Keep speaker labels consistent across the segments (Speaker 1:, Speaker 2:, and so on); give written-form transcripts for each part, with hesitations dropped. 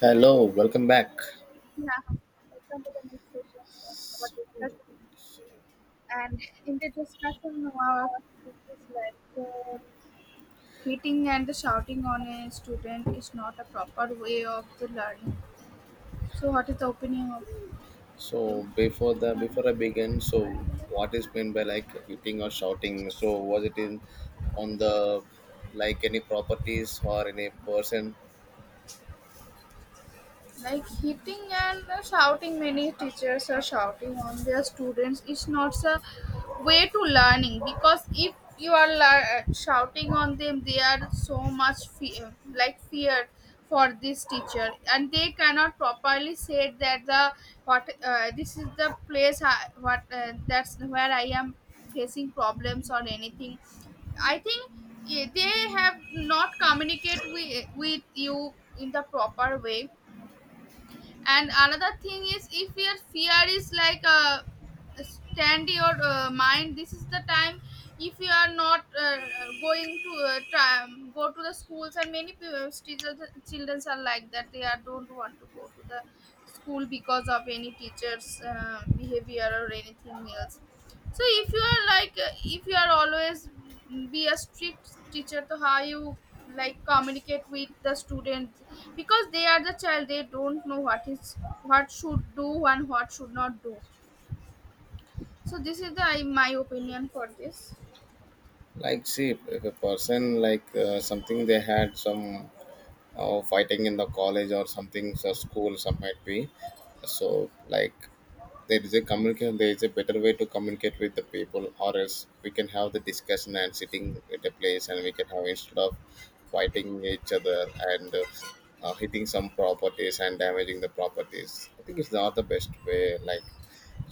Speaker 1: Hello, welcome back.
Speaker 2: Yeah, welcome to the next session of our discussion. And in the discussion, of our it is like uh, hitting and the shouting on a student is not a proper way of the learning. So, what is the opinion of you?
Speaker 1: Before I begin, so what is meant by like hitting or shouting? So was it in on the like any properties or any person?
Speaker 2: Like hitting and shouting, many teachers are shouting on their students. It's not a way to learning because if you are shouting on them they are so much like fear for this teacher and they cannot properly say that the what this is the place I, what that's where I am facing problems or anything. I think, yeah, they have not communicate with you in the proper way, and another thing is if your fear is like stand your mind, this is the time if you are not going to try, go to the schools, and many people, children are like that, they are don't want to go to the school because of any teacher's behavior or anything else. So if you are like if you are always be a strict teacher, so how you like communicate with the students, because they are the child, they don't know what is what should do and what should not do. So this is the my opinion for this.
Speaker 1: Like see, if a person like something, they had some fighting in the college or something, so school, some might be. So like there is a communicate, there is a better way to communicate with the people, or else we can have the discussion and sitting at a place, and we can have, instead of fighting each other and hitting some properties and damaging the properties, I think it's not the best way. Like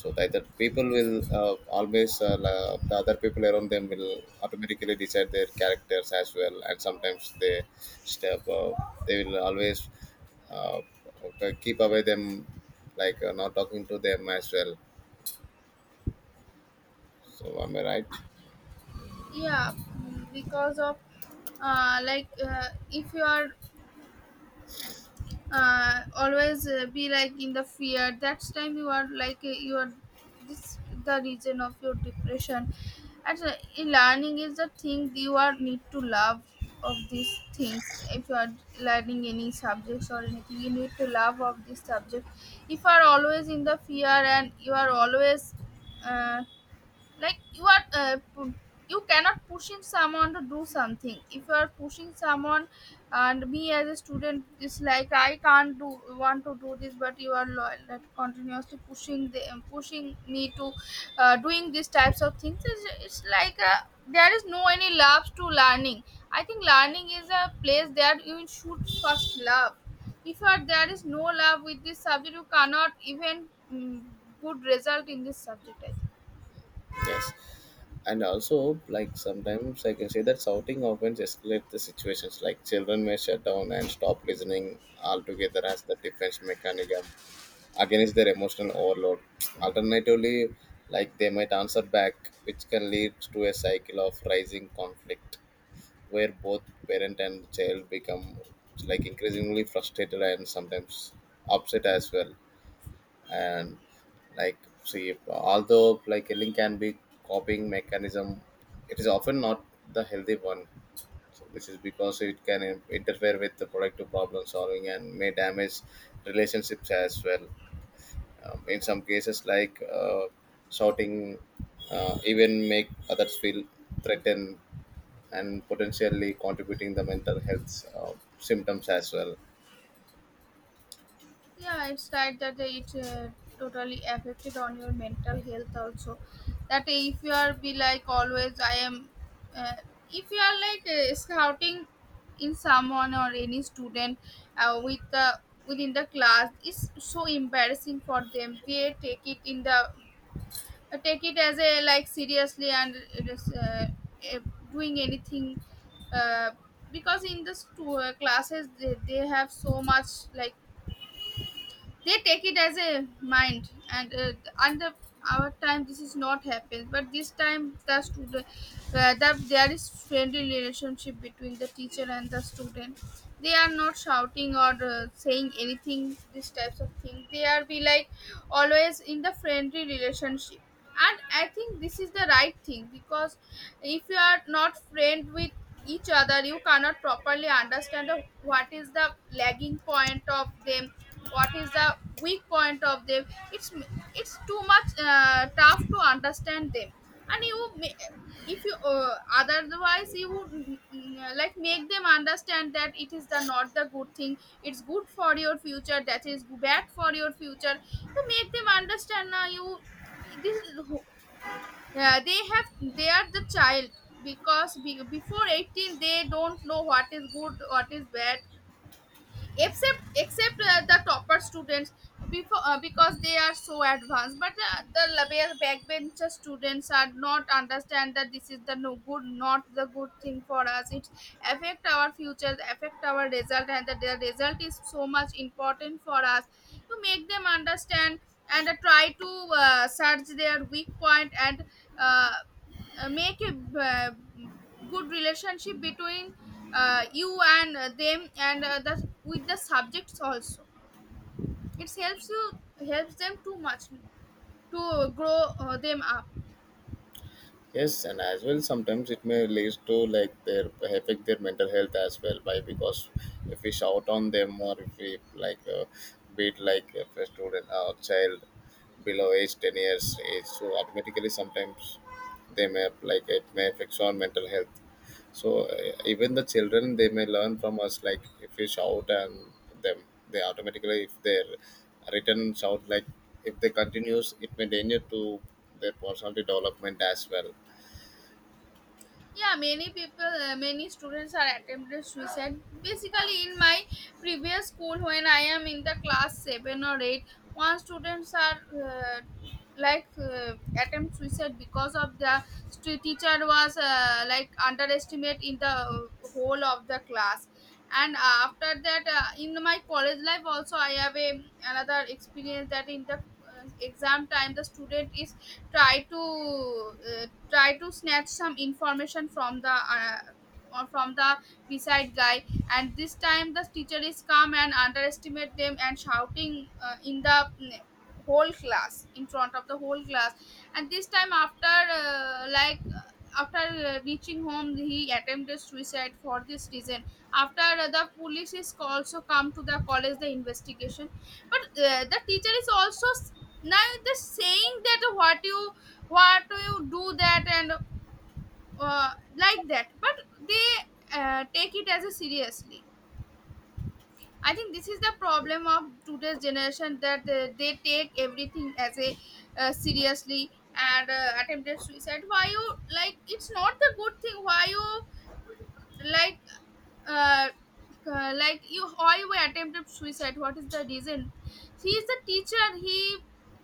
Speaker 1: so that the people will always the other people around them will automatically decide their characters as well, and sometimes they step they will always uh, keep away them, like not talking to them as well. So am I right?
Speaker 2: Yeah. Because of like if you are always be like in the fear, that's time you are like you are this the reason of your depression. And in learning is the thing you are need to love of these things. If you are learning any subjects or anything, you need to love of this subject. If you are always in the fear and you are always uh, like you are you cannot pushing someone to do something. If you are pushing someone and me as a student is like I can't do want to do this, but you are like continuously pushing the pushing me to doing these types of things, it's like there is no any love to learning. I think learning is a place that you should first love. If you are, there is no love with this subject, you cannot even mm, good result in this subject I think.
Speaker 1: Yes. And also, like sometimes I can say that shouting often escalates the situations. Like children may shut down and stop listening altogether as the defense mechanism against their emotional overload. Alternatively, like they might answer back, which can lead to a cycle of rising conflict, where both parent and child become like increasingly frustrated and sometimes upset as well. And like see, although like yelling can be coping mechanism, it is often not the healthy one. So this is because it can interfere with the productive problem solving and may damage relationships as well. In some cases, like shouting even make others feel threatened, and potentially contributing the mental health symptoms as well.
Speaker 2: Yeah it's right that it totally affected on your mental health also, that if you are be like always I am uh, if you are like scouting in someone or any student with the within the class, it's so embarrassing for them. They take it in the take it as a like seriously and it is, uh, doing anything uh, because in the classes they have so much like they take it as a mind. And under our time this is not happen, but this time the student that there is friendly relationship between the teacher and the student, they are not shouting or saying anything these types of thing, they are be like always in the friendly relationship. And I think this is the right thing because if you are not friend with each other, you cannot properly understand of what is the lagging point of them, what is the weak point of them. it's it's too much tough to understand them. And you may, if you otherwise you would like make them understand that it is the not the good thing. It's good for your future, that is bad for your future, you make them understand now. You this is yeah, they have they are the child, because be, before 18 they don't know what is good what is bad, except except the topper students. Before because they are so advanced, but the label backbencher students are not understand that this is the no good not the good thing for us. It affect our future, affect our result, and the result is so much important for us. To make them understand and try to search their weak point and uh, make a good relationship between you and them and the, with the subjects also, it helps you helps them too much to grow them up.
Speaker 1: Yes, and as well, sometimes it may lead to like their affect their mental health as well, by because if we shout on them, or if we like beat, like if a student or child below age 10 years age, so automatically sometimes they may like it may affect our mental health. So even the children they may learn from us, like if we shout and them, they automatically, if their written shout, like if they continues, it may danger to their personality development as well.
Speaker 2: Yeah many people many students are attempted suicide. Basically in my previous school when I am in the class 7 or 8, one students are uh, like attempt suicide because of the teacher was like underestimate in the whole of the class. And after that in my college life also I have a another experience, that in the exam time the student is try to try to snatch some information from the or from the beside guy. And this time the teacher is calm and underestimate them and shouting in the whole class, in front of the whole class. And this time after like after reaching home he attempted suicide for this reason. After the police is also come to the college the investigation, but the teacher is also now the saying that what you do that and like that. But they take it as a seriously. I think this is the problem of today's generation, that they take everything as a seriously. And attempted suicide, why you like it's not the good thing, why you like uh, like you always attempted suicide, what is the reason? He is the teacher, he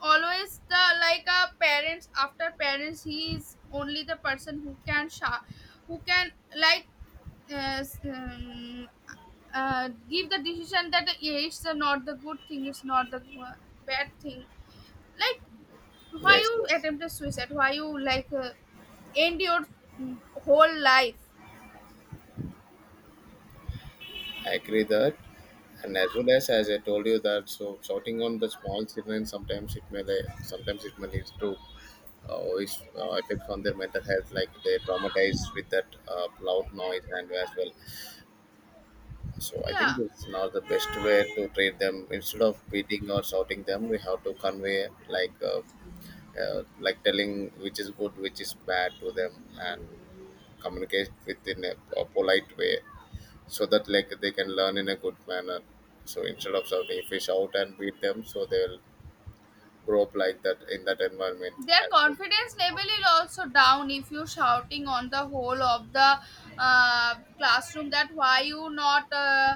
Speaker 2: always the like a parents, after parents he is only the person who can who can like uh, s- um, give the decision that yeah, it's not the good thing, it's not the bad thing. Like why
Speaker 1: Yes,
Speaker 2: you
Speaker 1: yes,
Speaker 2: attempted suicide, why you like end your whole life?
Speaker 1: I agree that. And as well, as I told you that, so shouting on the small children, sometimes it may like, sometimes it may lead to always effects on their mental health, like they
Speaker 2: Yeah.
Speaker 1: traumatized with that loud noise and as well. So I think
Speaker 2: Yeah.
Speaker 1: it's not the best way to treat them. Instead of beating or shouting them, we have to convey like telling which is good, which is bad to them, and communicate within a polite way, so that like they can learn in a good manner. So instead of shouting, fish out and beat them, so they'll grow up like that in that environment
Speaker 2: Their
Speaker 1: as well.
Speaker 2: confidence level is also down if you shouting on the whole of the classroom, that why you not uh,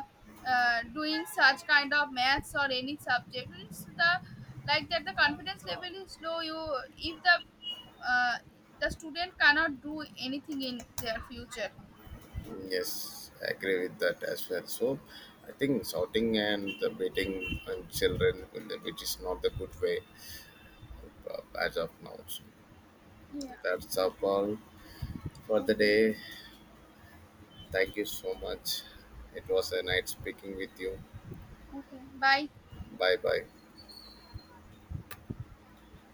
Speaker 2: uh, doing such kind of maths or any subject. It's the like that the confidence level is low, you if the uh, the student cannot do anything in their future.
Speaker 1: Mm, yes, I agree with that as well. So I think shouting and the beating on children, which is not the good way as of now. So
Speaker 2: Yeah.
Speaker 1: that's up all for the
Speaker 2: Okay.
Speaker 1: day. Thank you so much. It was a night speaking with you.
Speaker 2: Okay, bye.
Speaker 1: Bye bye.